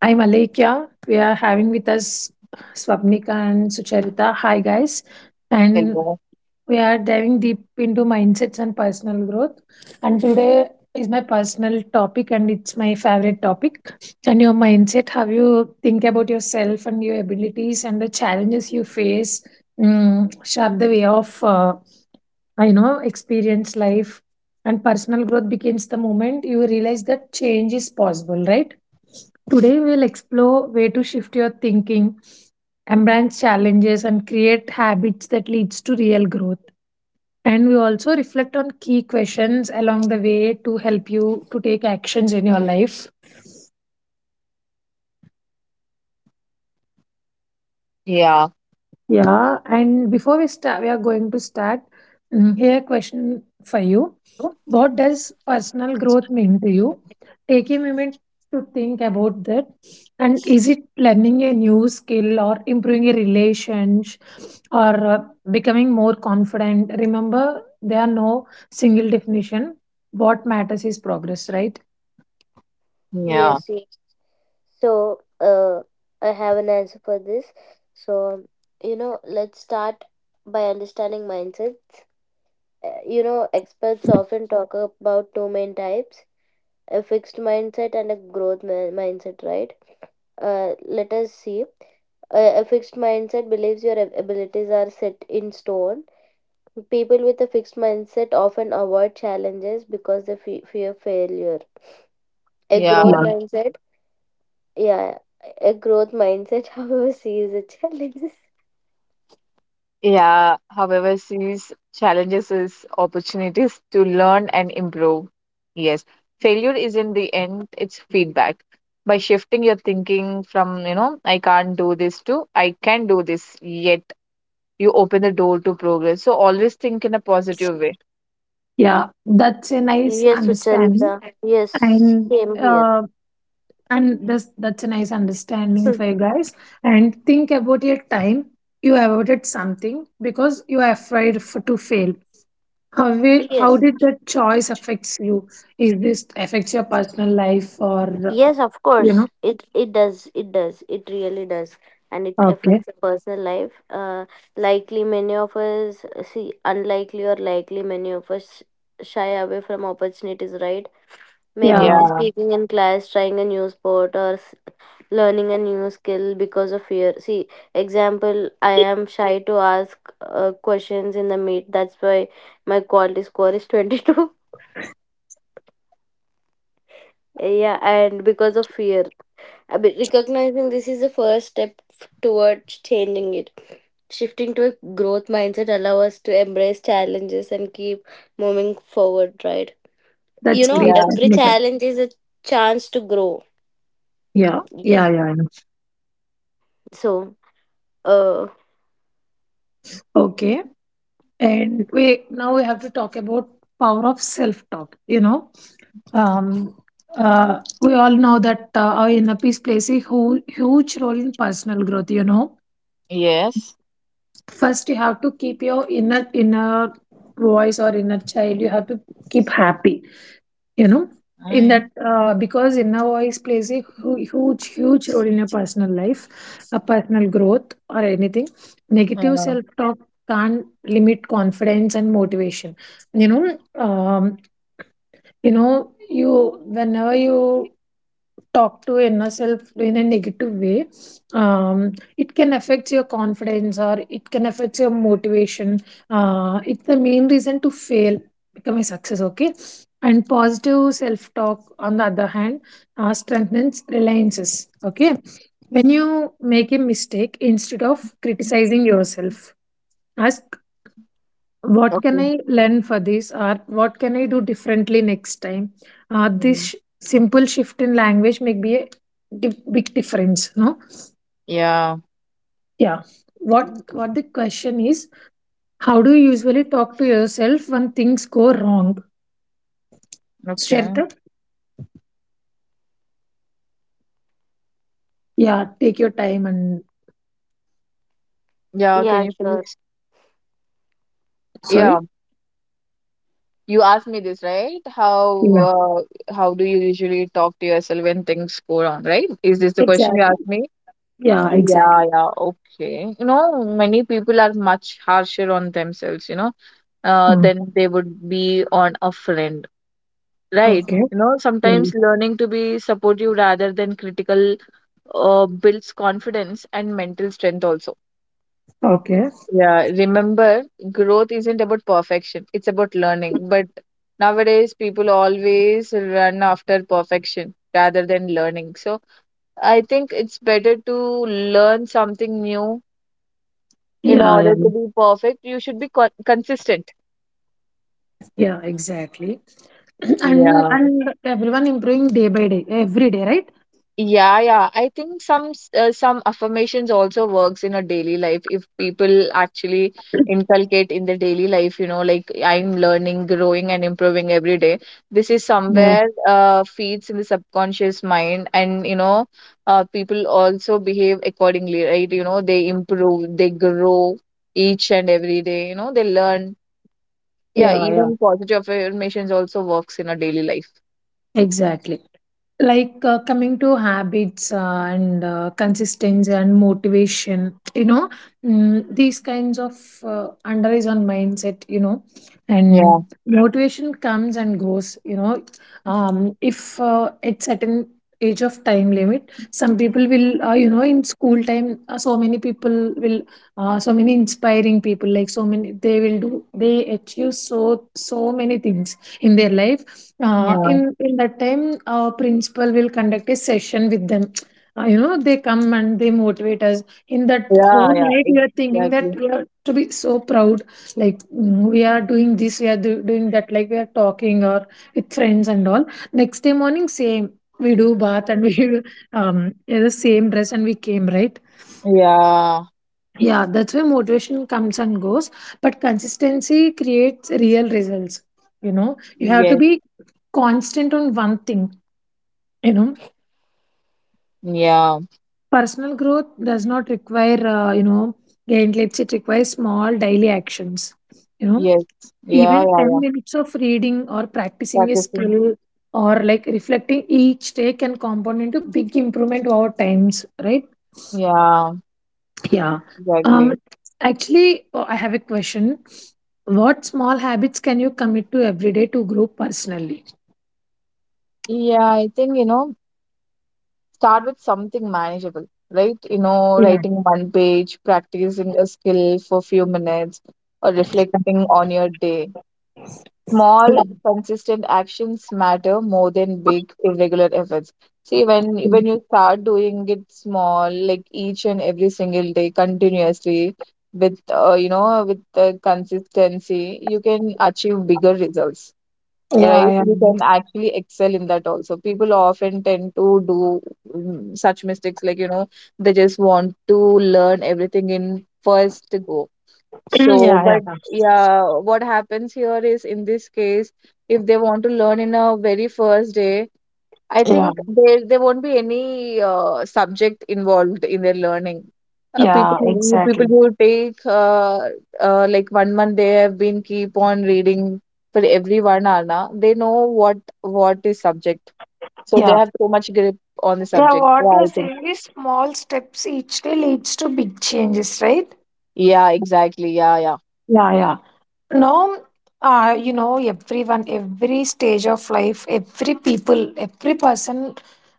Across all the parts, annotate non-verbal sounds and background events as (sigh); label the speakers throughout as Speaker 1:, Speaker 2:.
Speaker 1: I'm Alekia. We are having with us Swapnika and Sucharita. Hi, guys. And
Speaker 2: Hello.
Speaker 1: we are diving deep into mindsets and personal growth. And today is my personal topic, and it's my favorite topic. And your mindset, how you think about yourself and your abilities and the challenges you face, shape the way of, experience life. And personal growth begins the moment you realize that change is possible, right? Today, we'll explore way to shift your thinking, embrace challenges, and create habits that leads to real growth. And we also reflect on key questions along the way to help you to take actions in your life.
Speaker 2: Yeah,
Speaker 1: Yeah. And before we start, we are going to start. Here, question for you.
Speaker 3: Are you?
Speaker 1: What does personal growth mean to you? Take a moment to think about that. And is it learning a new skill or improving a relationship or becoming more confident? Remember, there are no single definition. What matters is progress, right?
Speaker 2: yeah,
Speaker 3: Yes, yes. So, uh, I have an answer for this. So, you know, let's start by understanding mindset. You know, experts often talk about two main types, a fixed mindset and a growth mindset, right? Uh, Let us see. A fixed mindset believes your abilities are set in stone. People with a fixed mindset often avoid challenges because they fear failure. A growth
Speaker 1: Yeah,
Speaker 2: yeah,
Speaker 3: mindset. Yeah, a growth mindset, (laughs) however, sees the challenges.
Speaker 2: yeah. However, sees challenges as opportunities to learn and improve. Yes, failure isn't the end, it's feedback. By shifting your thinking from, I can't do this to I can do this, yet you open the door to progress. So always think in a positive way.
Speaker 1: yeah, that's a nice
Speaker 3: Yes,
Speaker 1: understanding.
Speaker 3: Ucharita. Yes,
Speaker 1: And
Speaker 3: same here.
Speaker 1: uh, and that's a nice understanding for you
Speaker 3: (laughs)
Speaker 1: guys, and think about your time you avoided something because you are afraid for, to fail. How how
Speaker 3: Yes.
Speaker 1: did that choice affects you? Is this affects your personal life, or
Speaker 3: Yes, of
Speaker 1: you know
Speaker 3: course. It does. It does. It really does. And it
Speaker 1: okay?
Speaker 3: affects the personal life. Likely many of us, see unlikely or likely many of us, shy away from opportunities, right? Maybe
Speaker 1: Yeah,
Speaker 3: p-
Speaker 2: Yeah,
Speaker 3: speaking in class, trying a new sport, or s- learning a new skill because of fear. See, example, I am shy to ask questions in the meet. That's why my quality score is 22. (laughs) Yeah, and because of fear. I be- recognizing this is the first step towards changing it. Shifting to a growth mindset allow us to embrace challenges and keep moving forward, right? You
Speaker 1: that's
Speaker 3: know,
Speaker 1: great,
Speaker 2: yeah,
Speaker 3: every
Speaker 1: Satmika.
Speaker 3: challenge is a chance to grow.
Speaker 1: Yeah, yeah,
Speaker 3: Yes.
Speaker 1: yeah, yeah.
Speaker 3: So, uh,
Speaker 1: Okay, and we now we have to talk about power of self talk. Um, we all know that our inner peace plays a huge, huge role in personal growth. You know,
Speaker 2: yes.
Speaker 1: first you have to keep your inner voice or inner child. You have to keep happy. You know, in
Speaker 2: I,
Speaker 1: that because inner voice plays a huge, huge role in your personal life, a personal growth or anything. Negative
Speaker 2: uh,
Speaker 1: self talk can't limit confidence and motivation. You know, um, you whenever you talk to inner self in a negative way, it can affect your confidence or it can affect your motivation. It's the main reason to fail become a success. Okay. And positive self talk, on the other hand, strengthens reliances. Okay. When you make a mistake, instead of criticizing yourself as, what can I
Speaker 2: okay.
Speaker 1: learn for this, or what can I do differently next time? This
Speaker 2: Mm.
Speaker 1: simple shift in language may be a big difference, no?
Speaker 2: Yeah,
Speaker 1: Yeah. What the question is, how do you usually talk to yourself when things go wrong,
Speaker 2: okay.
Speaker 1: Shweta? Yeah, take your time. And
Speaker 2: Yeah, can
Speaker 3: Yeah,
Speaker 2: you
Speaker 3: sure.
Speaker 2: please? Yeah.
Speaker 1: sorry.
Speaker 2: You asked me this, right? How
Speaker 1: Yeah,
Speaker 2: uh, how do you usually talk to yourself when things go wrong, right? Is this the question you
Speaker 1: exactly.
Speaker 2: asked me?
Speaker 1: Yeah,
Speaker 2: Yeah,
Speaker 1: exactly.
Speaker 2: yeah, okay. Many people are much harsher on themselves,
Speaker 1: Mm.
Speaker 2: than they would be on a friend, right?
Speaker 1: Okay.
Speaker 2: You know,
Speaker 1: Mm.
Speaker 2: sometimes learning to be supportive rather than critical builds confidence and mental strength also.
Speaker 1: Okay.
Speaker 2: Yeah, remember, growth isn't about perfection, it's about learning. But nowadays, people always run after perfection rather than learning. So I think it's better to learn something new in
Speaker 1: Yeah, yeah,
Speaker 2: order to be perfect. You should be consistent.
Speaker 1: yeah, exactly. (clears throat) and
Speaker 2: Yeah.
Speaker 1: and everyone improving day by day, every day, right?
Speaker 2: Yeah, yeah. I think some affirmations also works in a daily life if people actually inculcate in the daily life, like I'm learning, growing and improving every day. This is
Speaker 1: Yeah.
Speaker 2: somewhere feeds in the subconscious mind, and people also behave accordingly, right? They improve, they grow each and every day, they learn. Yeah,
Speaker 1: Yeah, yeah,
Speaker 2: even positive affirmations also works in a daily life.
Speaker 1: exactly. Like, coming to habits, and consistency and motivation, these kinds of underlies on mindset,
Speaker 2: Yeah,
Speaker 1: and motivation comes and goes, you know. If at certain age of time limit, some people will, in school time, so many people will, so many inspiring people, like so many, they will do, they achieve so many things in their life.
Speaker 2: yeah.
Speaker 1: In that time, our principal will conduct a session with them. They come and they motivate us. In that
Speaker 2: Yeah,
Speaker 1: whole night,
Speaker 2: yeah,
Speaker 1: we are thinking that
Speaker 2: exactly.
Speaker 1: we are to be so proud, like, we are doing this, we are doing that, like we are talking or with friends and all. Next day morning, same, we do bath, and we (laughs) wear the same dress and we came, right?
Speaker 2: Yeah,
Speaker 1: Yeah, that's where motivation comes and goes, but consistency creates real results, you know. You have to
Speaker 2: yes,
Speaker 1: be constant on one thing, you know.
Speaker 2: yeah,
Speaker 1: Personal growth does not require, gain clips. It requires small daily actions, you know.
Speaker 2: yes, yeah,
Speaker 1: Even
Speaker 2: yeah,
Speaker 1: 10
Speaker 2: yeah.
Speaker 1: minutes of reading or practicing a
Speaker 2: Practicing.
Speaker 1: skill, or like reflecting each day, can compound into big improvement over times, right?
Speaker 2: Yeah,
Speaker 1: Yeah. um
Speaker 2: exactly.
Speaker 1: Actually, oh, I have a question. What small habits can you commit to every day to grow personally?
Speaker 2: Yeah, I think, start with something manageable, right? You know,
Speaker 1: Yeah,
Speaker 2: writing one page, practicing a skill for a few minutes, or reflecting on your day.
Speaker 1: yeah,
Speaker 2: Small, consistent actions matter more than big, irregular efforts. See, when you start doing it small, like each and every single day, continuously, with the consistency, you can achieve bigger results, right?
Speaker 1: yeah, yeah,
Speaker 2: You can actually excel in that also. People often tend to do such mistakes, like they just want to learn everything in first go.
Speaker 1: (clears throat)
Speaker 2: So,
Speaker 1: yeah,
Speaker 2: but
Speaker 1: yeah,
Speaker 2: yeah, what happens here is in this case, if they want to learn in a very first day, I
Speaker 1: yeah,
Speaker 2: think there won't be any subject involved in their learning. Uh, people
Speaker 1: yeah,
Speaker 2: who- people
Speaker 1: exactly.
Speaker 2: who take like one month they have been keep on reading for every one hour now, they know what is subject. So they
Speaker 1: Yeah.
Speaker 2: have so much grip on the
Speaker 1: Yeah,
Speaker 2: subject.
Speaker 1: what
Speaker 2: Yeah,
Speaker 1: you're
Speaker 2: I think.
Speaker 1: saying is small steps each day leads to big changes, right?
Speaker 2: Yeah, exactly. Yeah, yeah.
Speaker 1: Yeah, yeah. Now, everyone, every stage of life, every people, every person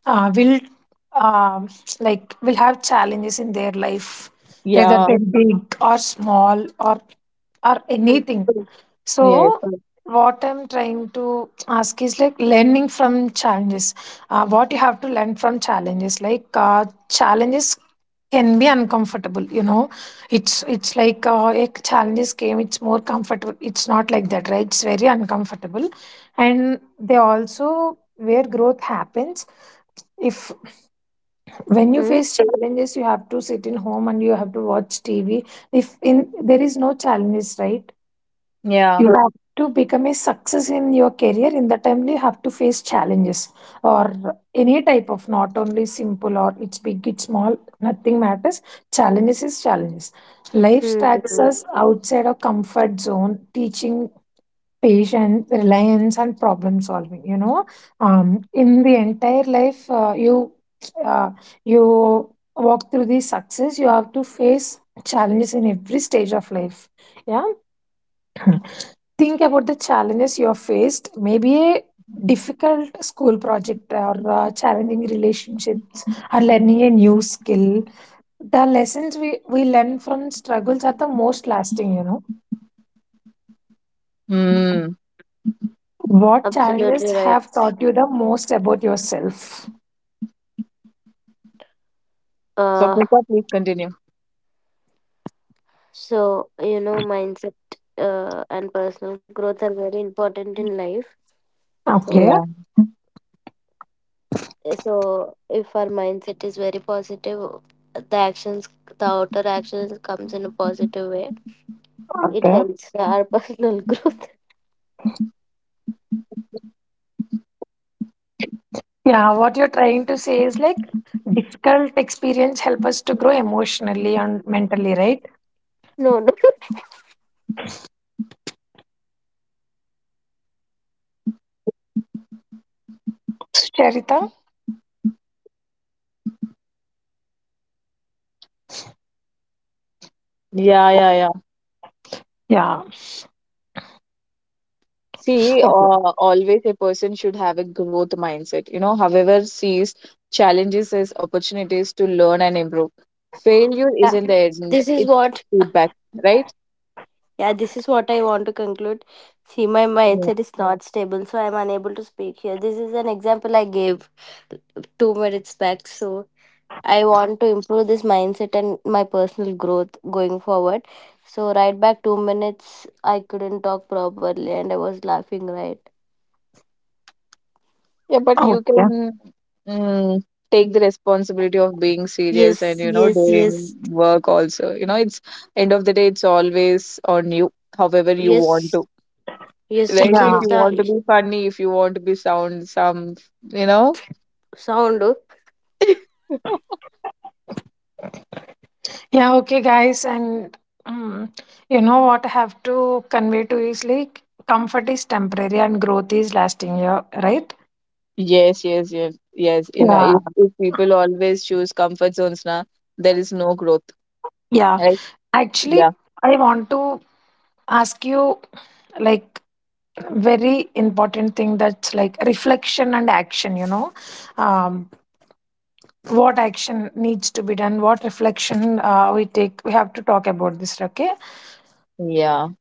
Speaker 1: will, um, like, will have challenges in their life, whether
Speaker 2: Yeah,
Speaker 1: they're big or small, or anything.
Speaker 2: yes.
Speaker 1: So, what I'm trying to ask is like learning from challenges. What you have to learn from challenges, like, challenges can be uncomfortable. You know, it's like, a challenges came. It's more comfortable. It's not like that, right? It's very uncomfortable, and they also where growth happens. If, when you
Speaker 3: Mm-hmm.
Speaker 1: face challenges, you have to sit in home and you have to watch tv if in there is no challenges, right?
Speaker 2: Yeah.
Speaker 1: You have to become a success in your career. In the time, you have to face challenges, or any type of, not only simple, or it's big, it's small, nothing matters. Challenges is challenges. Life starts
Speaker 3: Hmm.
Speaker 1: us outside our comfort zone, teaching patience, reliance, and problem solving, you know. In the entire life, uh, you walk through the success. You have to face challenges in every stage of life. Yeah. Think about the challenges you have faced, maybe a difficult school project, or challenging relationships, or learning a new skill. The lessons we learn from struggles are the most lasting.
Speaker 2: Hmm.
Speaker 1: What challenges
Speaker 3: Absolutely right.
Speaker 1: have taught you the most about yourself?
Speaker 2: So
Speaker 3: Uh,
Speaker 2: Sapnika, please continue.
Speaker 3: so, you know, mindset and personal growth are very important in life. So,
Speaker 1: Okay.
Speaker 2: Yeah,
Speaker 3: so if our mindset is very positive, the actions, the outer actions comes in a positive way. It
Speaker 1: Okay.
Speaker 3: helps our (laughs) personal growth.
Speaker 1: Yeah, what you're trying to say is like difficult experience help us to grow emotionally and mentally, right?
Speaker 3: No, no. (laughs)
Speaker 1: Charita?
Speaker 2: yeah, yeah, yeah.
Speaker 1: Yeah.
Speaker 2: See,
Speaker 1: Okay.
Speaker 2: always a person should have a growth mindset. However, sees challenges as opportunities to learn and improve. Failure
Speaker 3: Yeah,
Speaker 2: isn't the end;
Speaker 3: this is
Speaker 2: it's
Speaker 3: what.
Speaker 2: feedback, right?
Speaker 3: Yeah, this is what I want to conclude. See, my
Speaker 2: Yeah.
Speaker 3: mindset is not stable, so I'm unable to speak here. This is an example I gave 2 minutes back. So I want to improve this mindset and my personal growth going forward. So right back 2 minutes, I couldn't talk properly and I was laughing, right.
Speaker 2: Yeah, but you
Speaker 1: Okay.
Speaker 2: can mm, take the responsibility of being serious, and
Speaker 3: Yes, yes, yes.
Speaker 2: doing work also. It's end of the day, it's always on you. However, you want
Speaker 3: Yes,
Speaker 2: to,
Speaker 3: yes,
Speaker 2: right? If
Speaker 1: Yeah.
Speaker 2: you want to
Speaker 3: Sucharita.
Speaker 2: be funny, if you want to be sound some, you know.
Speaker 3: Sound.
Speaker 1: Yeah, okay, guys. And um, you know what I have to convey to is like, comfort is temporary and growth is lasting, yeah, right?
Speaker 2: Yes, yes, yes, yes. You know,
Speaker 1: Yeah.
Speaker 2: if, if people always choose comfort zones now, there is no growth,
Speaker 1: Yeah.
Speaker 2: right?
Speaker 1: Actually,
Speaker 2: Yeah,
Speaker 1: I want to ask you like, very important thing, that's like reflection and action. Um, what action needs to be done, what reflection we take, we have to talk about this, okay?
Speaker 2: yeah,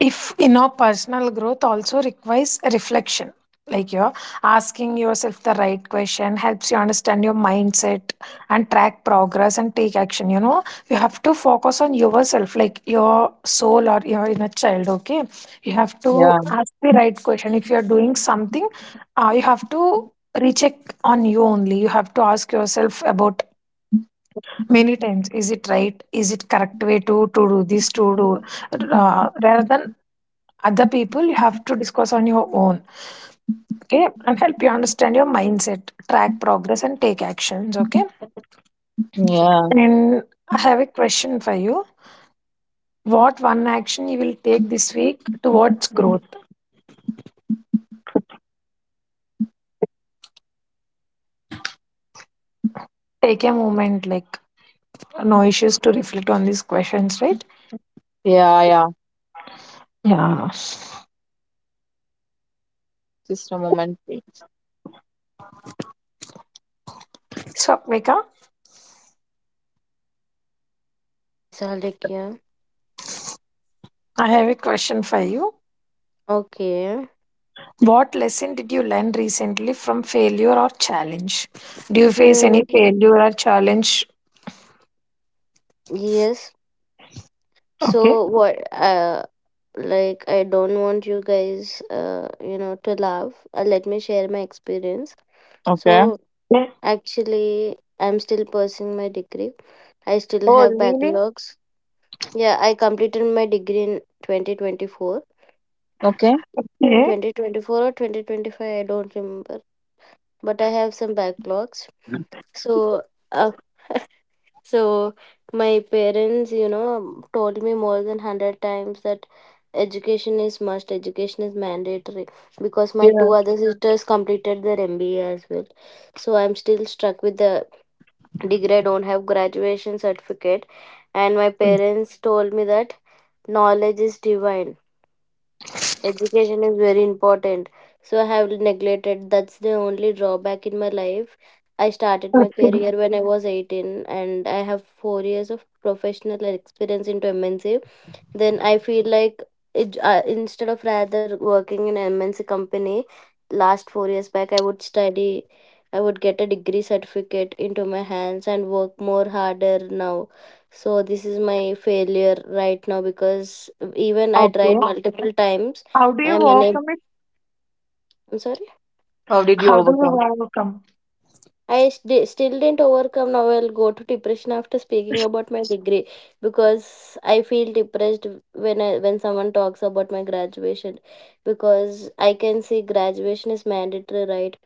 Speaker 1: If you know, personal growth also requires reflection. Like, you're asking yourself the right question helps you understand your mindset, and track progress and take action, you know. You have to focus on yourself, like your soul or your inner child, okay? You have
Speaker 2: yeah,
Speaker 1: to ask the right question. If you're doing something, you have to recheck on you only. You have to ask yourself about many times, is it right, is it correct way to do this to do, rather than other people. You have to discuss on your own, okay, and help you understand your mindset, track progress and take actions, okay?
Speaker 2: yeah,
Speaker 1: And I have a question for you. What one action you will take this week towards growth? Take a moment, like, no issues, to reflect on these questions, right?
Speaker 2: yeah, yeah.
Speaker 1: Yeah, so,
Speaker 2: Just a moment, please.
Speaker 1: Vika,
Speaker 3: Yes, Alekya.
Speaker 1: I have a question for you.
Speaker 3: Okay.
Speaker 1: What lesson did you learn recently from failure or challenge? Do you face any
Speaker 3: Hmm.
Speaker 1: failure or challenge?
Speaker 3: Yes.
Speaker 1: Okay.
Speaker 3: So what? Like, I don't want you guys, you know, to laugh. Let me share my experience.
Speaker 2: Okay.
Speaker 3: So
Speaker 1: Yeah.
Speaker 3: actually, I'm still pursuing my degree. I still
Speaker 2: Oh,
Speaker 3: have
Speaker 2: really?
Speaker 3: backlogs. Yeah, I completed my degree in 2024.
Speaker 2: Okay.
Speaker 1: Yeah.
Speaker 3: 2024 or 2025, I don't remember. But I have some backlogs.
Speaker 2: Mm.
Speaker 3: So, uh, so my parents, you know, told me more than 100 times that education is must, education is mandatory because my
Speaker 2: Yeah.
Speaker 3: two other sisters completed their MBA as well. So I'm still stuck with the degree. I don't have graduation certificate, and my parents told me that knowledge is divine, education is very important. So I have neglected. That's the only drawback in my life. I started my career when I was 18, and I have 4 years of professional experience into MNC. Then I feel like instead of rather working in an MNC company last 4 years back, I would study, I would get a degree certificate into my hands and work more harder now. So this is my failure right now, because even I
Speaker 1: Okay.
Speaker 3: tried multiple times,
Speaker 1: How do
Speaker 3: I am
Speaker 1: you overcome
Speaker 3: unable.
Speaker 1: it?
Speaker 3: I'm sorry.
Speaker 2: How did you
Speaker 1: How do you
Speaker 2: overcome?
Speaker 1: overcome?
Speaker 3: I st- still didn't overcome. Now I'll go to depression after speaking about my degree because I feel depressed when when someone talks about my graduation, because I can see graduation is mandatory, right?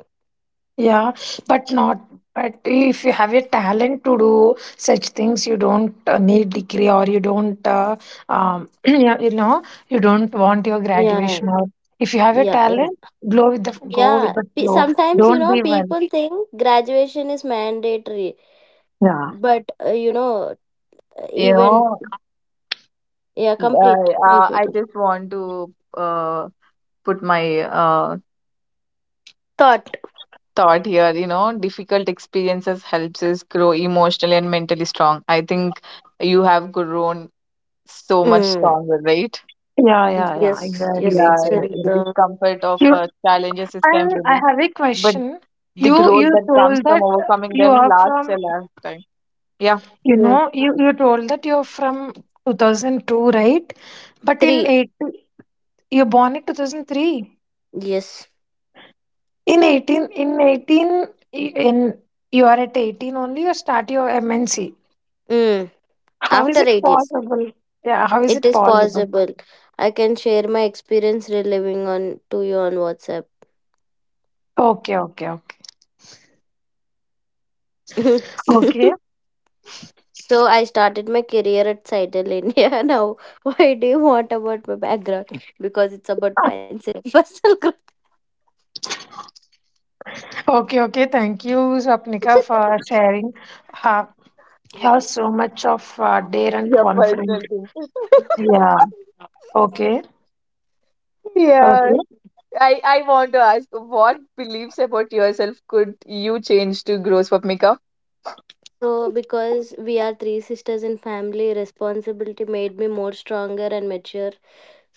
Speaker 1: Yeah, but not. But if you have a talent to do such things, you don't, need degree, or you don't, (clears throat) yeah, you know, you don't want your
Speaker 3: Yeah,
Speaker 1: graduation. Or if you have a
Speaker 3: yeah, yeah.
Speaker 1: talent, go with the go
Speaker 3: Yeah,
Speaker 1: with the
Speaker 3: pe-
Speaker 1: flow.
Speaker 3: sometimes you
Speaker 1: Don't
Speaker 3: know
Speaker 1: be well.
Speaker 3: people think graduation is mandatory,
Speaker 1: Yeah,
Speaker 3: but you know,
Speaker 2: You
Speaker 3: even
Speaker 2: know,
Speaker 3: yeah,
Speaker 2: I,
Speaker 3: complete.
Speaker 2: uh, I
Speaker 3: Complete.
Speaker 2: just want to put my
Speaker 3: Thought.
Speaker 2: thought here. Difficult experiences helps us grow emotionally and mentally strong. I think you have grown so much
Speaker 3: Mm.
Speaker 2: stronger, right?
Speaker 1: yeah, yeah, yeah.
Speaker 3: Yes, yes,
Speaker 1: Exactly,
Speaker 2: Yeah,
Speaker 1: exactly.
Speaker 2: the
Speaker 3: Charita.
Speaker 2: discomfort of
Speaker 1: You
Speaker 2: challenges is
Speaker 1: and I
Speaker 2: temporary,
Speaker 1: have a
Speaker 2: but
Speaker 1: question.
Speaker 2: the
Speaker 1: You
Speaker 2: growth
Speaker 1: you
Speaker 2: that comes
Speaker 1: told
Speaker 2: from
Speaker 1: that
Speaker 2: overcoming
Speaker 1: you
Speaker 2: them
Speaker 1: are
Speaker 2: lasts
Speaker 1: from
Speaker 2: a lifetime. Yeah.
Speaker 1: You
Speaker 3: Mm.
Speaker 1: know, you told that you're from 2002, right? But in
Speaker 3: Three.
Speaker 1: 18, you're born in 2003.
Speaker 3: Yes.
Speaker 1: In 18, in 18, y- in you are at 18 only, you start your MNC.
Speaker 3: Mm.
Speaker 1: How is
Speaker 3: After
Speaker 1: it
Speaker 3: 8 years,
Speaker 1: possible? Yeah, how is
Speaker 3: it
Speaker 1: it
Speaker 3: is
Speaker 1: possible?
Speaker 3: possible. I can share my experience reliving on to you on WhatsApp.
Speaker 1: Okay, okay, okay. Okay,
Speaker 3: (laughs) So I started my career at Cytel India. (laughs) Now, why do you want about my background? Because it's about mindset and personal growth.
Speaker 1: okay, okay. Thank you, Swapnika, for sharing how, have so much of dare and
Speaker 2: Your
Speaker 1: confidence.
Speaker 2: personal thing.
Speaker 1: Yeah, okay,
Speaker 3: (laughs)
Speaker 2: Yeah.
Speaker 3: Okay.
Speaker 1: okay.
Speaker 2: I, I want to ask what beliefs about yourself could you change to grow, Swapnika?
Speaker 3: So because we are three sisters in family, responsibility made me more stronger and mature.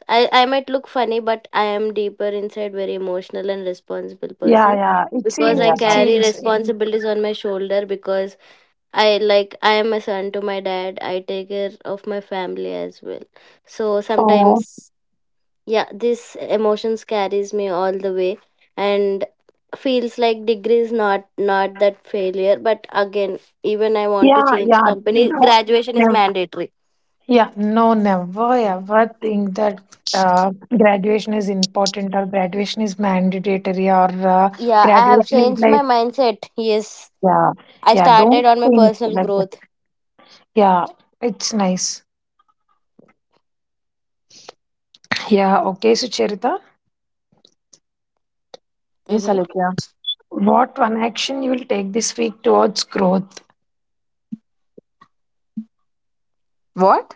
Speaker 3: I might look funny, but I am deeper inside very emotional and responsible
Speaker 1: Yeah,
Speaker 3: person
Speaker 1: yeah. It
Speaker 3: because
Speaker 1: seems,
Speaker 3: I
Speaker 1: it
Speaker 2: Yeah.
Speaker 3: carry
Speaker 1: seems.
Speaker 3: responsibilities on my shoulder because I, like, I am a son to my dad. I take care of my family as well. So
Speaker 1: Oh.
Speaker 3: sometimes yeah, this emotions carries me all the way and feels like degree is not that failure. But again, even I want
Speaker 1: Yeah,
Speaker 3: to change
Speaker 1: yeah,
Speaker 3: company.
Speaker 1: no,
Speaker 3: Graduation is
Speaker 1: never.
Speaker 3: mandatory.
Speaker 1: Yeah, no, never ever think that uh, graduation is important, or graduation is mandatory, or
Speaker 3: Yeah, I have
Speaker 1: graduation is
Speaker 3: changed
Speaker 1: like,
Speaker 3: my mindset. Yes.
Speaker 1: yeah,
Speaker 3: I
Speaker 1: yeah, don't
Speaker 3: started on my
Speaker 1: think
Speaker 3: personal
Speaker 1: like that.
Speaker 3: growth.
Speaker 1: Yeah, it's nice. Yeah, okay, so, Charita,
Speaker 2: Yes,
Speaker 3: Hmm.
Speaker 2: Alekya.
Speaker 1: what one action you will take this week towards growth?
Speaker 2: What?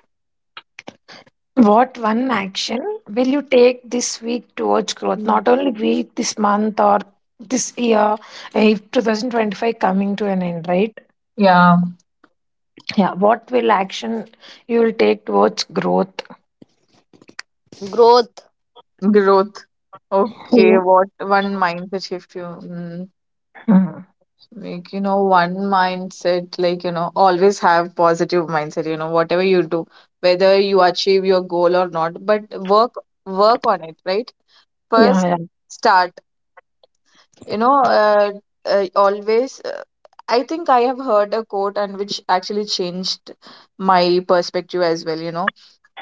Speaker 1: What one action will you take this week towards growth?
Speaker 3: Mm.
Speaker 1: Not only week, this month, or this year, if 2025 coming to an end, right?
Speaker 2: Yeah.
Speaker 1: Yeah, what will action you will take towards growth?
Speaker 3: Growth.
Speaker 2: Growth. Okay, what one mindset shift you
Speaker 1: Mm.
Speaker 2: make, one mindset, like, always have positive mindset, whatever you do, whether you achieve your goal or not, but work on it, right? First,
Speaker 1: Yeah,
Speaker 2: start, you know, uh, always, I think I have heard a quote and which actually changed my perspective as well, you know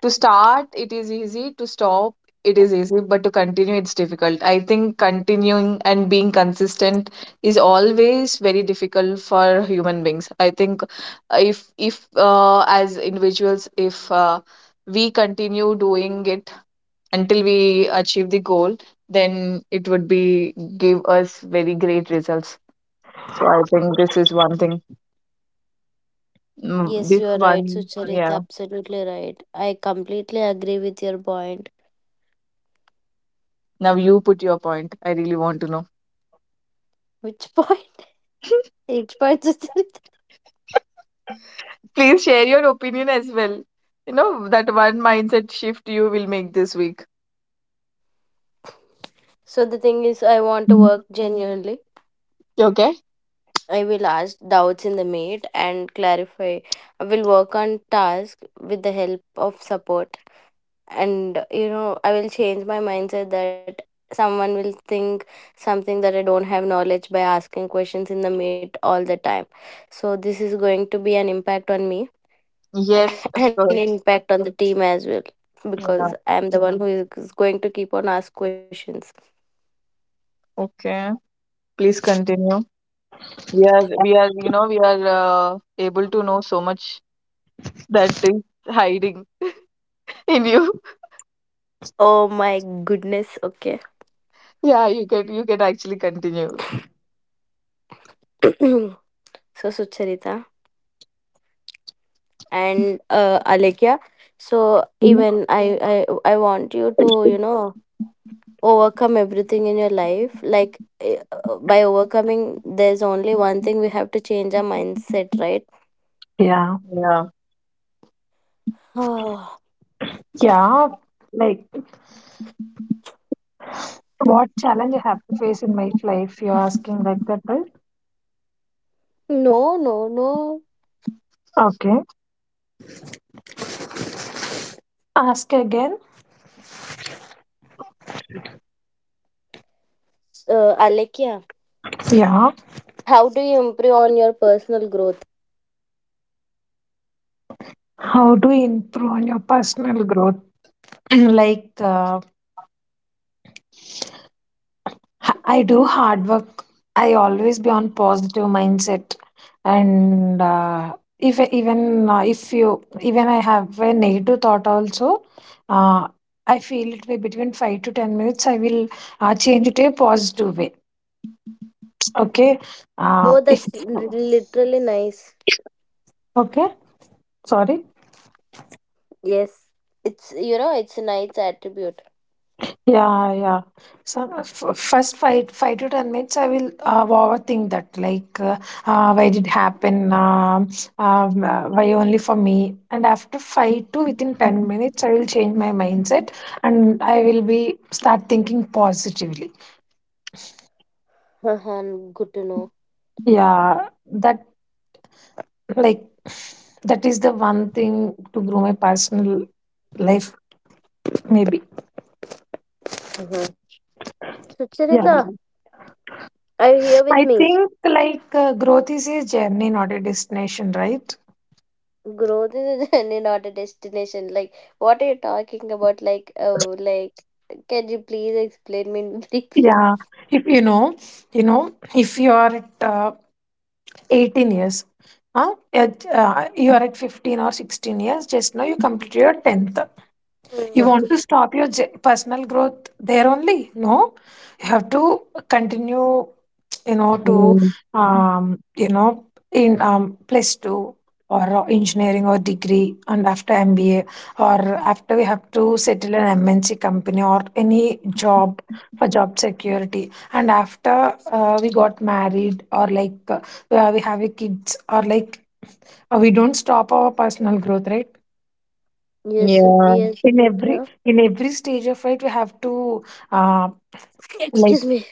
Speaker 2: To start, it is easy. To stop, it is easy. But to continue, it's difficult. I think continuing and being consistent is always very difficult for human beings. I think if as individuals, if we continue doing it until we achieve the goal, then it would be give us very great results. So I think this is one thing. Mm,
Speaker 3: Yes,
Speaker 2: This
Speaker 3: you are right,
Speaker 2: one,
Speaker 3: Sucharita.
Speaker 2: yeah.
Speaker 3: Absolutely right. I completely agree with your point.
Speaker 2: Now you put your point. I really want to know.
Speaker 3: Which point?
Speaker 2: (laughs)
Speaker 3: (laughs) Which point, Sucharita?
Speaker 2: Please share your opinion as well. That one mindset shift you will make this week.
Speaker 3: So the thing is, I want to
Speaker 2: Mm.
Speaker 3: work genuinely.
Speaker 2: Okay?
Speaker 3: I will ask doubts in the meet and clarify. I will work on tasks with the help of support. And you know, I will change my mindset that someone will think something, that I don't have knowledge, by asking questions in the meet all the time. So this is going to be an impact on me,
Speaker 2: Yes, of
Speaker 3: (laughs) and
Speaker 2: course.
Speaker 3: impact on the team as well,
Speaker 2: Yeah.
Speaker 3: because I am the one who is going to keep on ask questions.
Speaker 2: Okay. Please continue. We are, you know, we are able to know so much that is hiding in you. (laughs)
Speaker 3: Oh my goodness, okay.
Speaker 2: Yeah, you can actually continue.
Speaker 3: (clears throat) So Sucharita and Alekia, so
Speaker 1: yeah,
Speaker 3: even I I want you to, you know, overcome everything in your life, like by overcoming, there's only one thing, we have to change our mindset, right?
Speaker 1: yeah,
Speaker 2: Yeah.
Speaker 3: (sighs) No.
Speaker 1: yeah. Like, what challenge you have to face in my life? You're asking like that, right?
Speaker 3: No, no.
Speaker 1: Okay. Ask again.
Speaker 3: Uh, Alekia,
Speaker 1: Yeah.
Speaker 3: how do you improve on your personal growth?
Speaker 1: How do you improve on your personal growth? (clears throat) Like, I do hard work. I always be on positive mindset, and if even if you even I have a negative thought also, uh, I feel it way between 5 to 10 minutes. I will change it a positive way. Okay,
Speaker 3: Oh,
Speaker 1: if
Speaker 3: that's li- literally nice.
Speaker 1: okay, sorry.
Speaker 3: Yes, it's, you know, it's a nice attribute.
Speaker 1: Yeah, yeah. So first 5 to 10 minutes, I will overthink that. Why did happen? Why only for me? And after five to within 10 minutes, I will change my mindset and I will be start thinking positively.
Speaker 3: (laughs) Good to know.
Speaker 1: Yeah, that like (sighs) that is the one thing to grow my personal life. Maybe.
Speaker 3: Uh-huh. So
Speaker 1: Yeah,
Speaker 3: Charita, are you here with
Speaker 1: I
Speaker 3: me?
Speaker 1: think growth is a journey, not a destination, right?
Speaker 3: Growth is (laughs) a journey not a destination, like, what are you talking about, like, oh, like, can you please explain me (laughs) briefly?
Speaker 1: Yeah, if you know, you know, if you are at 18 years, huh? At, you are at 15 or 16 years, just now you complete your 10th. You
Speaker 3: Mm.
Speaker 1: want to stop your personal growth there only? No, you have to continue. You know to
Speaker 2: Mm,
Speaker 1: you know in Plus two or engineering or degree, and after MBA or after we have to settle an MNC company or any job for job security, and after we got married or we have a kids or we don't stop our personal growth, right?
Speaker 3: Yes, yes.
Speaker 2: yeah.
Speaker 1: in
Speaker 3: Yeah.
Speaker 1: every in every stage of life we have to uh, like
Speaker 3: Excuse me.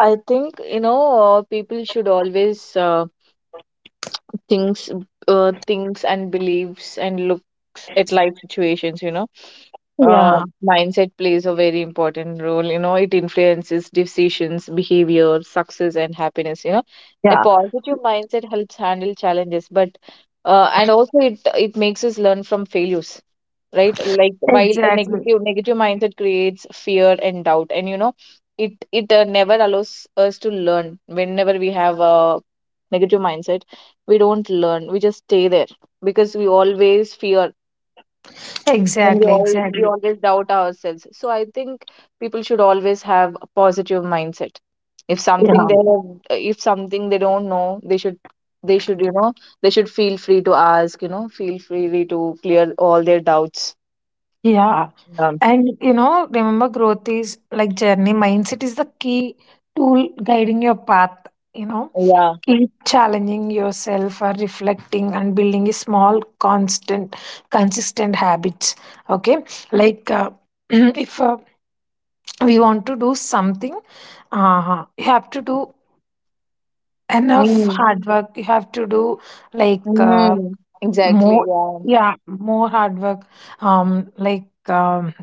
Speaker 2: I think, people should always thinks thinks and believes and looks at life situations uh,
Speaker 1: yeah,
Speaker 2: Mindset plays a very important role. It influences decisions, behavior, success and happiness. A
Speaker 1: yeah,
Speaker 2: positive mindset helps handle challenges, but and also it makes us learn from failures, right? Like, while a
Speaker 1: exactly,
Speaker 2: negative mindset creates fear and doubt, and it never allows us to learn. Whenever we have a negative mindset, we don't learn. We just stay there because we always fear, and we
Speaker 1: exactly,
Speaker 2: all we
Speaker 1: exactly,
Speaker 2: always doubt ourselves. So I think people should always have a positive mindset.
Speaker 1: yeah,
Speaker 2: If something they don't know, they should you know they should feel free to ask. Feel free to clear all their doubts.
Speaker 1: yeah.
Speaker 2: um,
Speaker 1: And you know, remember growth is like journey, mindset is the key tool guiding your path, you know.
Speaker 2: yeah.
Speaker 1: Keep challenging yourself or reflecting and building a small constant consistent habits. Okay, like uh, (clears throat) if we want to do something, you have to do enough
Speaker 2: Mm.
Speaker 1: hard work, you have to do like uh,
Speaker 2: Mm. Exactly,
Speaker 1: more,
Speaker 2: yeah.
Speaker 1: yeah, more hard work. um like um,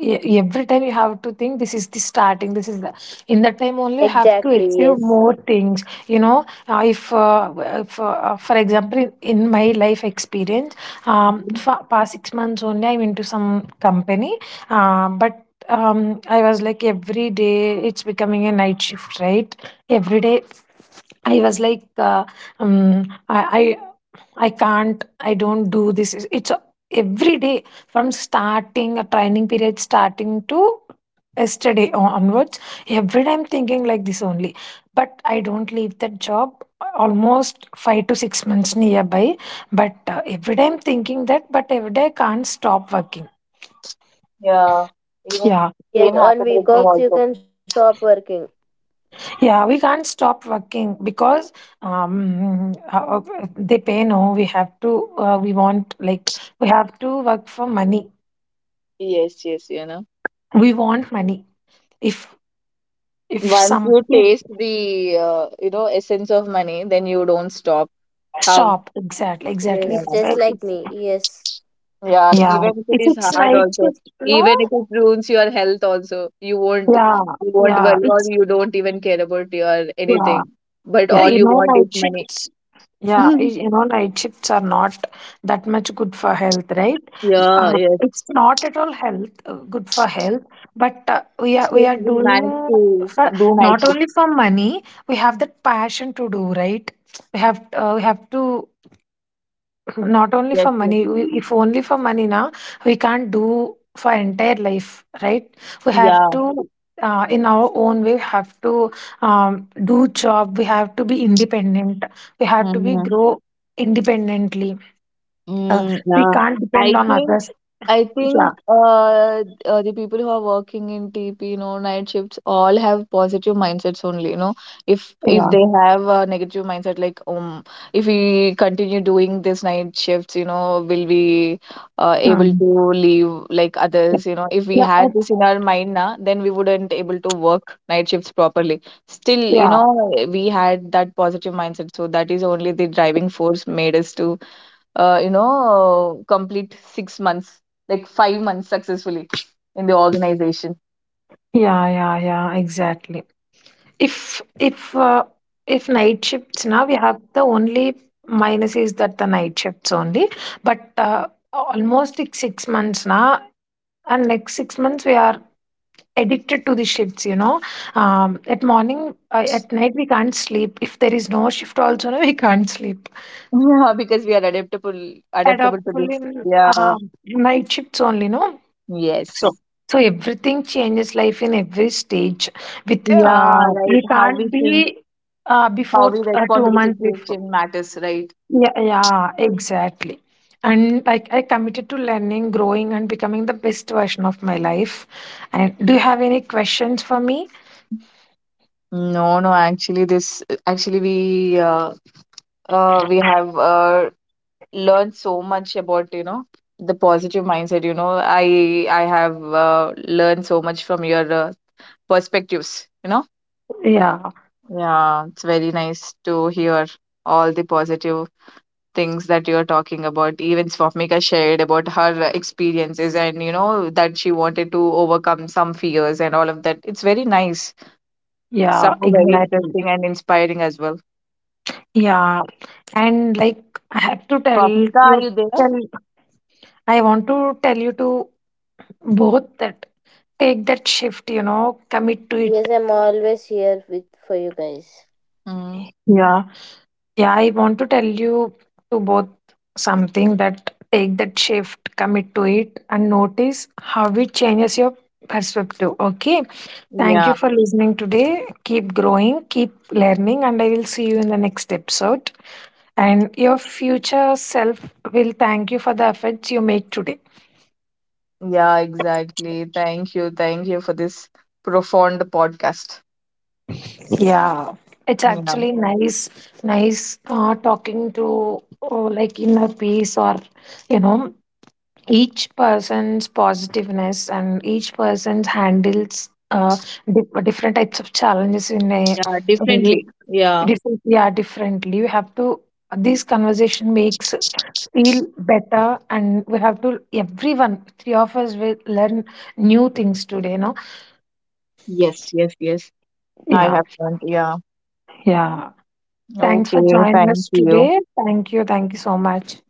Speaker 1: e- every time you have to think this is the starting, this is the in that time only you have to
Speaker 3: Exactly,
Speaker 1: achieve
Speaker 3: yes.
Speaker 1: more things, you know. If w- if For example, in my life experience, um,
Speaker 2: Mhm.
Speaker 1: for past 6 months only I'm into some company. But I was like every day it's becoming a night shift, right? Every day I was like, um, I, I, I can't, I don't do this. It's every day from starting a training period, starting to yesterday onwards. Every day I'm thinking like this only. But I don't leave that job almost 5 to 6 months nearby. But every day I'm thinking that, but every day I can't stop working.
Speaker 2: Yeah, even
Speaker 1: Yeah.
Speaker 3: Yes,
Speaker 2: same
Speaker 3: on
Speaker 2: happened with
Speaker 3: week
Speaker 2: me
Speaker 3: offs you
Speaker 2: also.
Speaker 3: can stop working.
Speaker 1: Yeah, we can't stop working because um, uh, uh, they pay. No, we have to. We want, like, we have to work for money.
Speaker 2: Yes, yes.
Speaker 1: We want money. If if
Speaker 2: Once
Speaker 1: some
Speaker 2: you
Speaker 1: if
Speaker 2: taste the essence of money, then you don't stop. How?
Speaker 1: stop, exactly, exactly.
Speaker 3: Yes,
Speaker 1: If,
Speaker 2: Yeah.
Speaker 3: just like me. Yes.
Speaker 2: Yeah,
Speaker 1: Yeah,
Speaker 2: even if it
Speaker 1: if
Speaker 2: is
Speaker 1: it's
Speaker 2: hard
Speaker 1: night
Speaker 2: also,
Speaker 1: shift, no.
Speaker 2: even if it ruins your health also, you won't
Speaker 1: Yeah,
Speaker 2: you won't
Speaker 1: yeah.
Speaker 2: worry, or
Speaker 1: It's
Speaker 2: you don't even care about your
Speaker 1: yeah,
Speaker 2: anything. But
Speaker 1: yeah.
Speaker 2: all
Speaker 1: You
Speaker 2: you
Speaker 1: know,
Speaker 2: want is
Speaker 1: night
Speaker 2: money.
Speaker 1: shifts. Yeah,
Speaker 2: (laughs)
Speaker 1: y- you know, night shifts are not that much good for health, right?
Speaker 2: Yeah, yes.
Speaker 1: It's not at all health good for health, but uh, we are we
Speaker 2: Still
Speaker 1: are
Speaker 2: we managed
Speaker 1: doing
Speaker 2: to
Speaker 1: for
Speaker 2: do night
Speaker 1: not
Speaker 2: shift.
Speaker 1: only for money. We have that passion to do, right? We have to (clears throat) not only
Speaker 2: Yes,
Speaker 1: for
Speaker 2: yes.
Speaker 1: money. We, if only for money now, we can't do for entire life, right? We have
Speaker 2: Yeah.
Speaker 1: to. In our own way, we have to do job. We have to be independent. We have to be
Speaker 2: Mm-hmm.
Speaker 1: grow independently. Uh,
Speaker 2: Mm,
Speaker 1: we
Speaker 2: yeah.
Speaker 1: can't depend
Speaker 2: I
Speaker 1: on
Speaker 2: think
Speaker 1: others.
Speaker 2: I
Speaker 1: Yeah,
Speaker 2: think the people who are working in TP, night shifts, all have positive mindsets only. If they
Speaker 1: yeah.
Speaker 2: have a negative mindset, like if we continue doing this night shifts, will we able
Speaker 1: Um,
Speaker 2: to leave like others? If we
Speaker 1: yeah,
Speaker 2: had
Speaker 1: I-
Speaker 2: this in our mind now, then we wouldn't able to work night shifts properly. Still,
Speaker 1: yeah,
Speaker 2: we had that positive mindset, so that is only the driving force made us to complete 6 months, like 5 months successfully in the organization.
Speaker 1: yeah, yeah, yeah, exactly. If if uh, if night shifts, now we have the only minus is that the night shifts only, but almost like 6 months now, and next six
Speaker 2: (laughs)
Speaker 1: months we are addicted to the shifts. You know, at morning, at night we can't sleep. If there is no shift, also (laughs) no, we can't sleep.
Speaker 2: Yeah, because we are adaptable, adaptable to
Speaker 1: Adoptable
Speaker 2: this.
Speaker 1: in
Speaker 2: Yeah.
Speaker 1: night shifts only, no. So,
Speaker 2: Yes.
Speaker 1: so everything changes life in every stage. With
Speaker 2: Yeah,
Speaker 1: You
Speaker 2: right. How
Speaker 1: can't
Speaker 2: we think,
Speaker 1: be
Speaker 2: how
Speaker 1: before
Speaker 2: we respond to
Speaker 1: two
Speaker 2: the
Speaker 1: months before.
Speaker 2: situation matters, right?
Speaker 1: Yeah, yeah, exactly. And like I committed to learning, growing, and becoming the best version of my life. And do you have any questions for me?
Speaker 2: No, no, actually this actually we have learned so much about, the positive mindset. I have learned so much from your perspectives.
Speaker 1: Yeah,
Speaker 2: Yeah, it's very nice to hear all the positive things that you're talking about. Even Swapnika shared about her experiences and, that she wanted to overcome some fears and all of that. It's very nice.
Speaker 1: yeah,
Speaker 2: Some are very
Speaker 1: exactly.
Speaker 2: interesting and inspiring as well.
Speaker 1: Yeah, and like I have to tell
Speaker 2: Swapnika, are
Speaker 1: you,
Speaker 2: you there?
Speaker 1: tell I want to tell you to both that take that shift. You know, commit to
Speaker 3: Yes,
Speaker 1: it.
Speaker 3: I'm always here with for you guys.
Speaker 2: Mm.
Speaker 1: Yeah. Yeah, I want to tell you to both something that take that shift, commit to it, and notice how it changes your perspective. Okay. Thank you
Speaker 2: Yeah,
Speaker 1: for listening today. Keep growing, keep learning, and I will see you in the next episode. And your future self will thank you for the efforts you make today.
Speaker 2: yeah, exactly. Thank you. Thank you for this profound podcast.
Speaker 1: Yeah. It's
Speaker 2: Yeah.
Speaker 1: actually nice, nice talking to, oh, like inner peace or, you know, each person's positiveness and each person handles different types of challenges in a
Speaker 2: Yeah,
Speaker 1: very
Speaker 2: definitely. Yeah.
Speaker 1: different, yeah, differently we have to this conversation makes feel better and we have to everyone, three of us will learn new things today, no?
Speaker 2: Yes, yes, yes. I
Speaker 1: Yeah,
Speaker 2: have learned. Yeah.
Speaker 1: thanks for
Speaker 2: Okay.
Speaker 1: joining
Speaker 2: Thank
Speaker 1: us
Speaker 2: you.
Speaker 1: today. Thank you, thank you so much.